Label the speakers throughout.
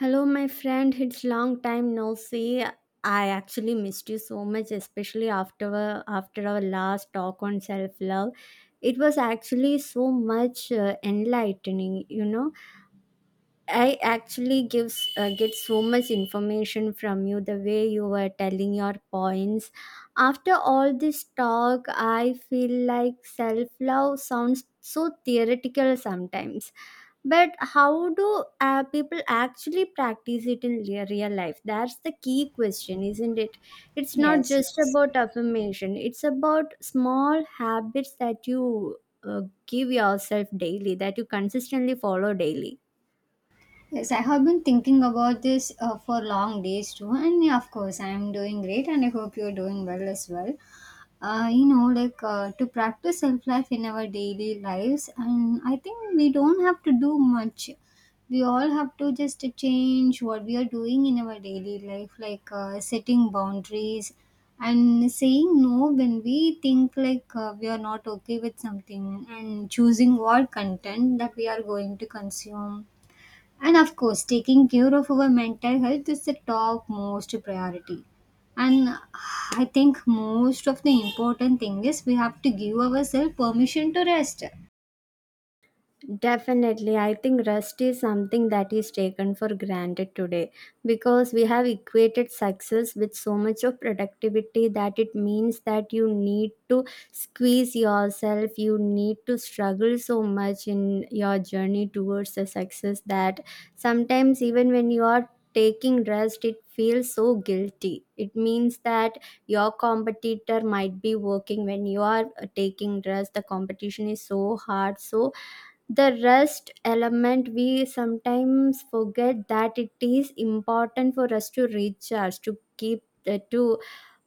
Speaker 1: Hello, my friend. It's long time no see. I actually missed you so much, especially after our last talk on self love. It was actually so much enlightening, I actually gives get so much information from you the way you were telling your points. After all this talk, I feel like self love sounds so theoretical sometimes. But how do people actually practice it in real life? That's the key question, isn't it? It's not
Speaker 2: Yes,
Speaker 1: just
Speaker 2: yes.
Speaker 1: about affirmation. It's about small habits that you uh, give yourself daily, that you consistently follow daily.
Speaker 2: Yes, I have been thinking about this for long days too, and yeah, of course, I am doing great, and I hope you're doing well as well. To practice self life in our daily lives, and I think we don't have to do much. We all have to just change what we are doing in our daily life, like setting boundaries and saying no when we think like we are not okay with something, and choosing what content that we are going to consume. And of course, taking care of our mental health is the top most priority. And I think most of the important thing is we have to give ourselves permission to rest.
Speaker 1: Definitely, I think rest is something that is taken for granted today because we have equated success with so much of productivity that it means that you need to squeeze yourself, you need to struggle so much in your journey towards the success that sometimes, even when you are taking rest, it feels so guilty. It means that your competitor might be working when you are taking rest, the competition is so hard, so the rest element we sometimes forget that it is important for us to recharge to keep to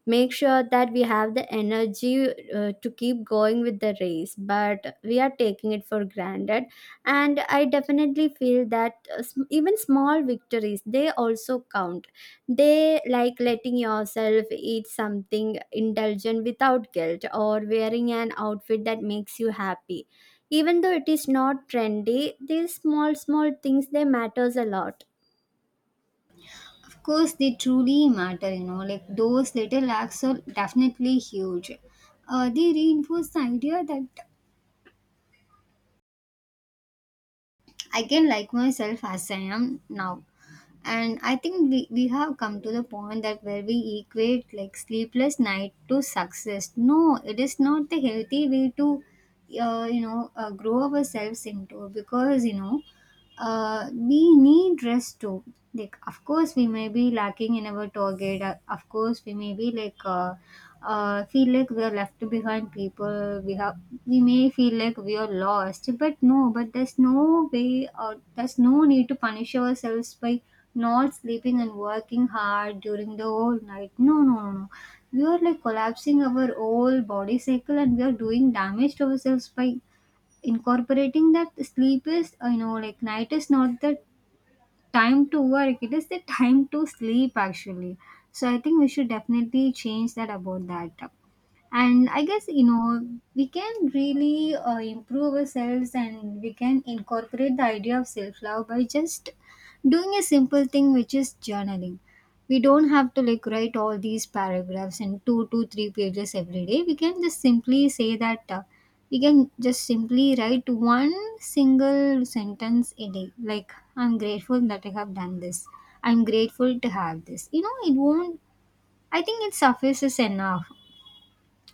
Speaker 1: make sure that we have the energy to keep going with the race, but we are taking it for granted. And I definitely feel that even small victories, they also count. They like letting yourself eat something indulgent without guilt, or wearing an outfit that makes you happy even though it is not trendy. These small small things, they matters a lot.
Speaker 2: Of course, they truly matter, you know, like those little acts are definitely huge. They reinforce the idea that I can like myself as I am now. And I think we have come to the point that where we equate like sleepless night to success. No, it is not the healthy way to grow ourselves into, because you know we need rest too. Like, of course we may be lacking in our target, of course we may be feel like we are left behind people. We have, we may feel like we are lost, but no, but there's no way or there's no need to punish ourselves by not sleeping and working hard during the whole night. No, no, no, no. We are like collapsing our whole body cycle and we are doing damage to ourselves by incorporating that sleep is, you know, like night is not that time to work, it is the time to sleep actually. So I think we should definitely change that about that. And I guess, you know, we can really improve ourselves and we can incorporate the idea of self love by just doing a simple thing which is journaling. We don't have to like write all these paragraphs in two to three pages every day. We can just simply say that we can just simply write one single sentence a day, like I'm grateful that I have done this, I'm grateful to have this. You know, it won't, I think it suffices enough.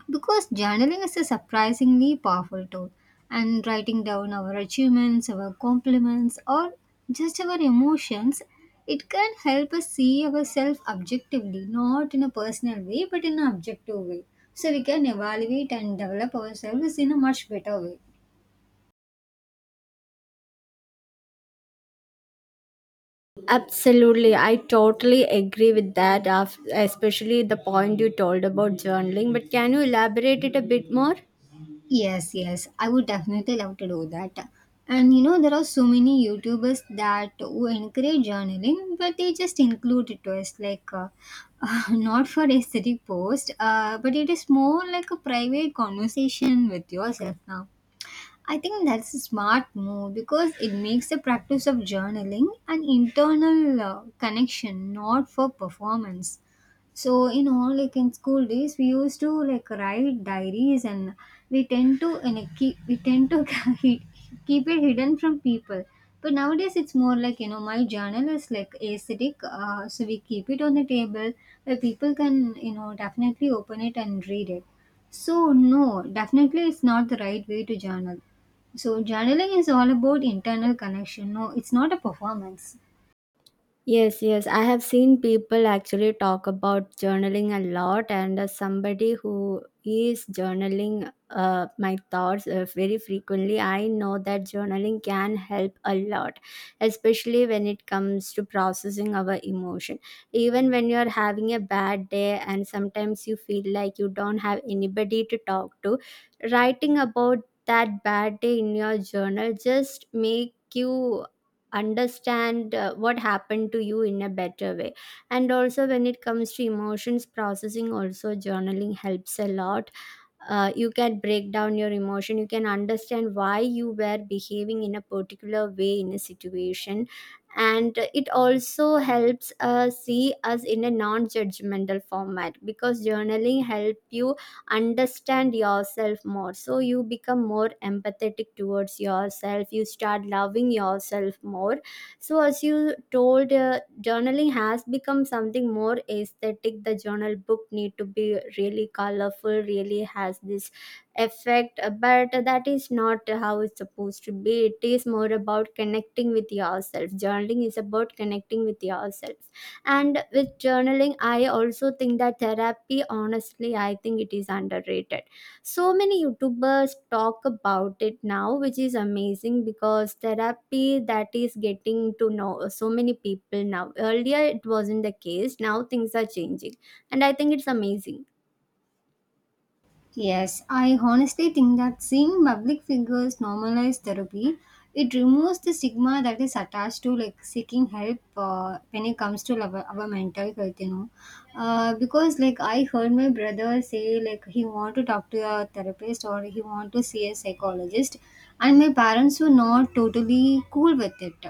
Speaker 2: Because journaling is a surprisingly powerful tool, and writing down our achievements, our compliments, or just our emotions, it can help us see ourselves objectively, not in a personal way but in an objective way. So we can evaluate and develop ourselves in a much better way.
Speaker 1: Absolutely, I totally agree with that, especially the point you told about journaling. But can you elaborate it a bit more?
Speaker 2: Yes, yes, I would definitely love to do that. And you know, there are so many YouTubers that who encourage journaling, but they just include twist like not for aesthetic post, but it is more like a private conversation with yourself now. I think that's a smart move because it makes the practice of journaling an internal connection, not for performance. So you know, like in school days we used to like write diaries, and we tend to and like, keep we tend to keep keep it hidden from people. But nowadays it's more like, you know, my journal is like aesthetic, so we keep it on the table where people can, you know, definitely open it and read it. So no, definitely it's not the right way to journal. So journaling is all about internal connection, no, it's not a performance.
Speaker 1: Yes, yes. I have seen people actually talk about journaling a lot, and as somebody who is journaling my thoughts very frequently, I know that journaling can help a lot, especially when it comes to processing our emotion. Even when you're having a bad day, and sometimes you feel like you don't have anybody to talk to, writing about that bad day in your journal just make you understand what happened to you in a better way. And also when it comes to emotions processing also, journaling helps a lot. You can break down your emotion, you can understand why you were behaving in a particular way in a situation, and it also helps see us in a non-judgmental format, because journaling help you understand yourself more, so you become more empathetic towards yourself, you start loving yourself more. So, as you told, journaling has become something more aesthetic. The journal book need to be really colorful, really has this effect, but that is not how it's supposed to be. It is more about connecting with yourself. Journaling is about connecting with yourself. And with journaling, I also think that therapy, honestly, I think it is underrated. So many youtubers talk about it now, which is amazing, because therapy, that is getting to know so many people now. Earlier it wasn't the case, now things are changing, and I think it's amazing.
Speaker 2: Yes, I honestly think that seeing public figures normalize therapy, it removes the stigma that is attached to like seeking help when it comes to our mental health, you know. Because like I heard my brother say like he want to talk to a therapist or he want to see a psychologist, and my parents were not totally cool with it.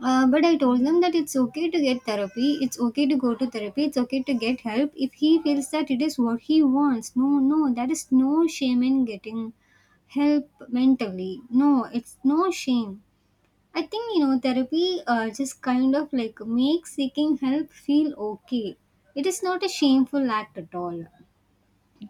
Speaker 2: But I told them that it's okay to get therapy, it's okay to go to therapy, it's okay to get help if he feels that it is what he wants. No, no, there is no shame in getting help mentally. No, it's no shame. I think, you know, therapy just kind of like makes seeking help feel okay. It is not a shameful act at all.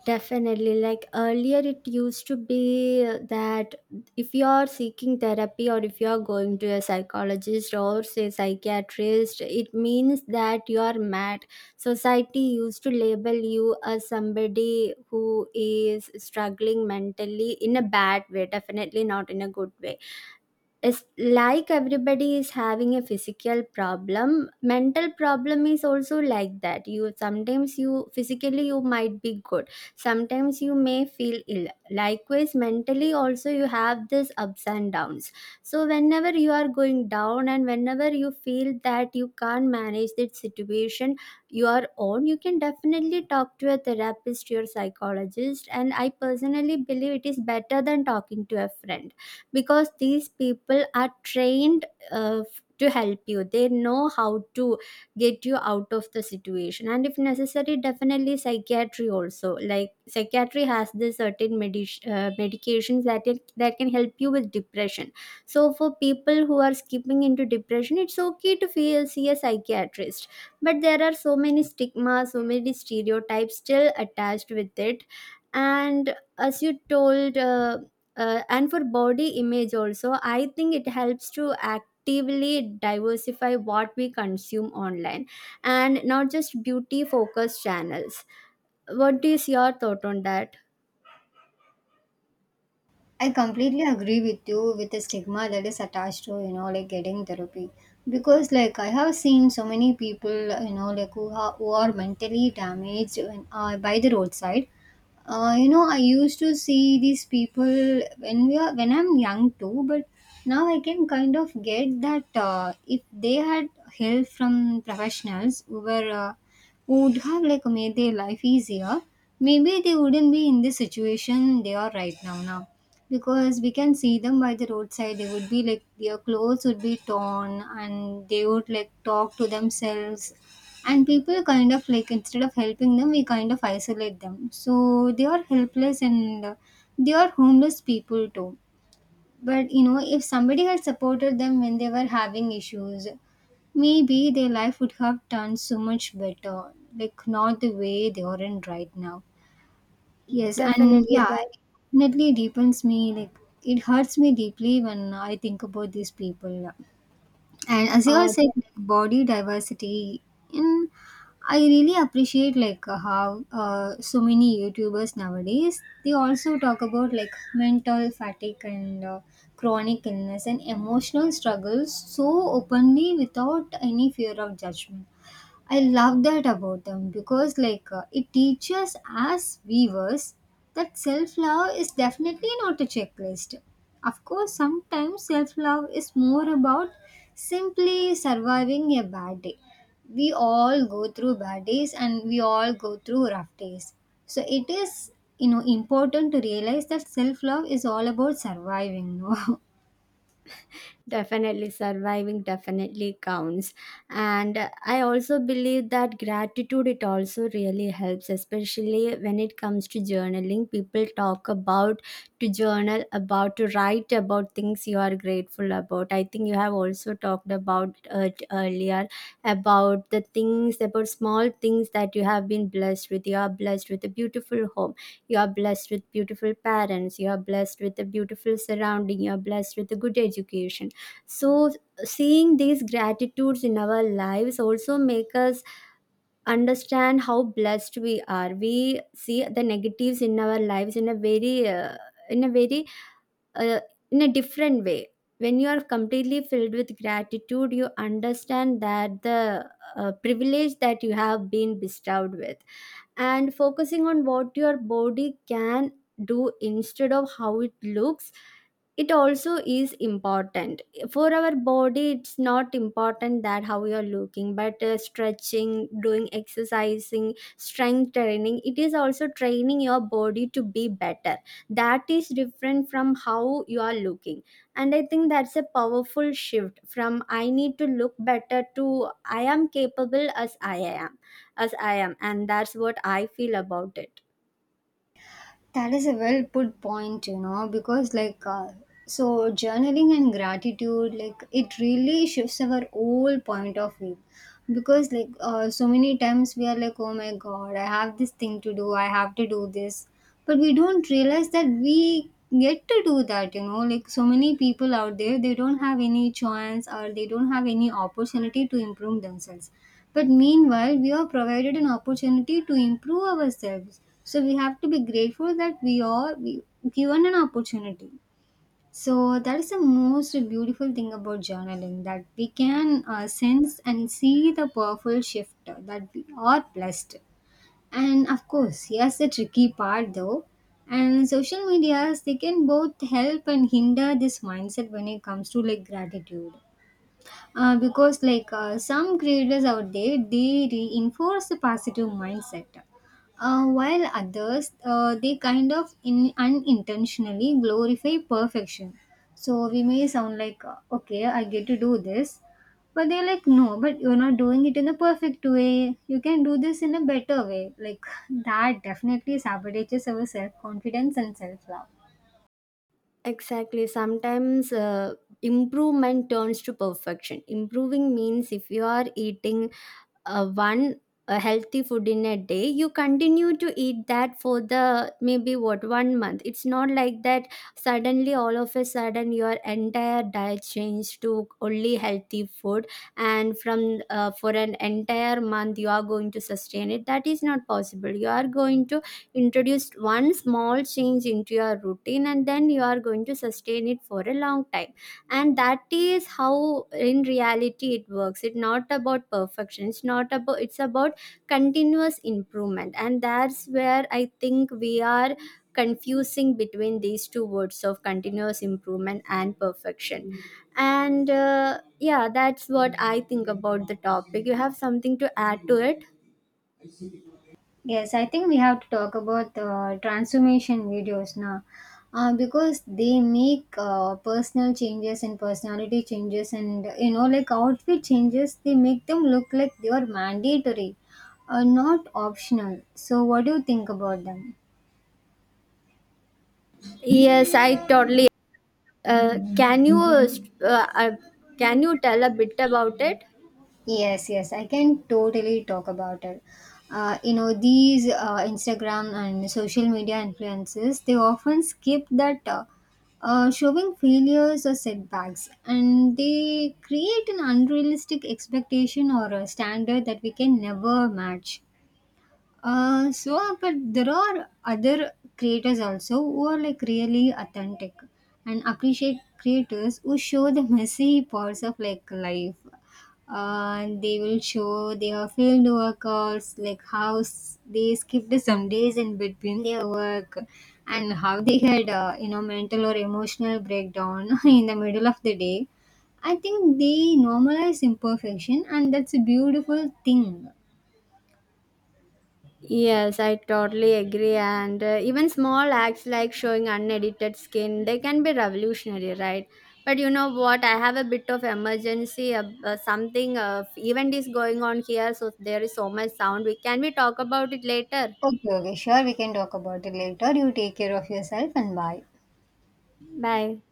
Speaker 1: Definitely. Like earlier, it used to be that if you are seeking therapy, or if you are going to a psychologist or say psychiatrist, it means that you are mad. Society used to label you as somebody who is struggling mentally in a bad way, definitely not in a good way. It's like everybody is having a physical problem. Mental problem is also like that. You sometimes, you physically you might be good, sometimes you may feel ill. Likewise mentally also you have this ups and downs. So whenever you are going down and whenever you feel that you can't manage that situation you are on, you can definitely talk to a therapist, your psychologist, and I personally believe it is better than talking to a friend because these people are trained to help you. They know how to get you out of the situation, and if necessary, definitely psychiatry also. Like psychiatry has the certain medications that that can help you with depression. So for people who are skipping into depression, it's okay to see a psychiatrist. But there are so many stigmas, so many stereotypes still attached with it. And as you told, and for body image also, I think it helps to actively diversify what we consume online and not just beauty focused channels. What is your thought on that?
Speaker 2: I completely agree with you with the stigma that is attached to, you know, like getting therapy. Because, like, I have seen so many people, you know, like who are mentally damaged when, by the roadside. You know, I used to see these people when we are when I'm young too, but now I can kind of get that if they had help from professionals who were who would have like made their life easier, maybe they wouldn't be in the situation they are right now. Now, because we can see them by the roadside, they would be like, their clothes would be torn and they would like talk to themselves, and people kind of like, instead of helping them, we kind of isolate them, so they are helpless and they are homeless people too. But you know, if somebody had supported them when they were having issues, maybe their life would have turned so much better, like not the way they are in right now. Yes, and
Speaker 1: Definitely
Speaker 2: yeah,
Speaker 1: that
Speaker 2: it definitely deepens me. Like it hurts me deeply when I think about these people. And as you all
Speaker 1: uh,
Speaker 2: said, like, body diversity, and I really appreciate like how so many YouTubers nowadays they also talk about like mental fatigue and chronic illness and emotional struggles so openly without any fear of judgment. I love that about them because, it teaches us viewers that self love is definitely not a checklist. Of course, sometimes self love is more about simply surviving a bad day. We all go through bad days and we all go through rough days. So, it is, you know, important to realize that self love is all about surviving, no.
Speaker 1: definitely surviving definitely counts. And I also believe that gratitude, it also really helps, especially when it comes to journaling. People talk about to journal about, to write about things you are grateful about. I think you have also talked about it earlier, about the things, about small things that you have been blessed with. You are blessed with a beautiful home, you are blessed with beautiful parents, you are blessed with a beautiful surrounding, you are blessed with a good education. So seeing these gratitudes in our lives also make us understand how blessed we are. We see the negatives in our lives in a very in a very uh, in a different way. When you are completely filled with gratitude, you understand that the privilege that you have been bestowed with. And focusing on what your body can do instead of how it looks, it also is important. For our body, it's not important that how you are looking, but stretching, doing exercising, strength training, it is also training your body to be better. That is different from how you are looking. And I think that's a powerful shift from I need to look better to I am capable as I am. And that's what I feel about it.
Speaker 2: That is a well put point, you know, because so journaling and gratitude, like it really shifts our whole point of view. Because so many times we are like, oh my god, I have this thing to do, I have to do this, but we don't realize that we get to do that, you know. Like so many people out there, they don't have any chance or they don't have any opportunity to improve themselves, but meanwhile, we are provided an opportunity to improve ourselves. So we have to be grateful that given an opportunity. So that is the most beautiful thing about journaling, that we can sense and see the powerful shift that we are blessed. And of course, here's the tricky part though. And social medias, they can both help and hinder this mindset when it comes to like gratitude, because like some creators out there they reinforce the positive mindset, while others they kind of unintentionally glorify perfection. So we may sound like, okay, I get to do this, but they're like, no, but you're not doing it in a perfect way, you can do this in a better way, like that definitely sabotages our self-confidence and self-love.
Speaker 1: Exactly. Sometimes improvement turns to perfection. Improving means if you are eating one healthy food in a day, you continue to eat that for the maybe what 1 month. It's not like that suddenly all of a sudden your entire diet changed to only healthy food, and from for an entire month you are going to sustain it. That is not possible. You are going to introduce one small change into your routine, and then you are going to sustain it for a long time. And that is how in reality it works. It's not about perfection, it's not about, it's about continuous improvement. And that's where I think we are confusing between these two words of continuous improvement and perfection. And yeah, that's what I think about the topic. You have something to add to it?
Speaker 2: Yes, I think we have to talk about transformation videos now, because they make personal changes and personality changes and you know like outfit changes, they make them look like they are mandatory, not optional. So what do you think about them?
Speaker 1: Yes, I totally. Can you can you tell a bit about it?
Speaker 2: Yes, yes, I can totally talk about it. You know, these Instagram and social media influences, they often skip that showing failures or setbacks, and they create an unrealistic expectation or a standard that we can never match. So, but there are other creators also who are like really authentic, and appreciate creators who show the messy parts of like life. They will show their field workers, like how they skipped some days in between their work, and how they had, you know, mental or emotional breakdown in the middle of the day. I think they normalize imperfection and that's a beautiful thing.
Speaker 1: Yes, I totally agree. And even small acts like showing unedited skin, they can be revolutionary, right? But you know what? I have a bit of emergency. Something event is going on here, so there is so much sound. We talk about it later.
Speaker 2: Okay, okay, sure. We can talk about it later. You take care of yourself and bye.
Speaker 1: Bye.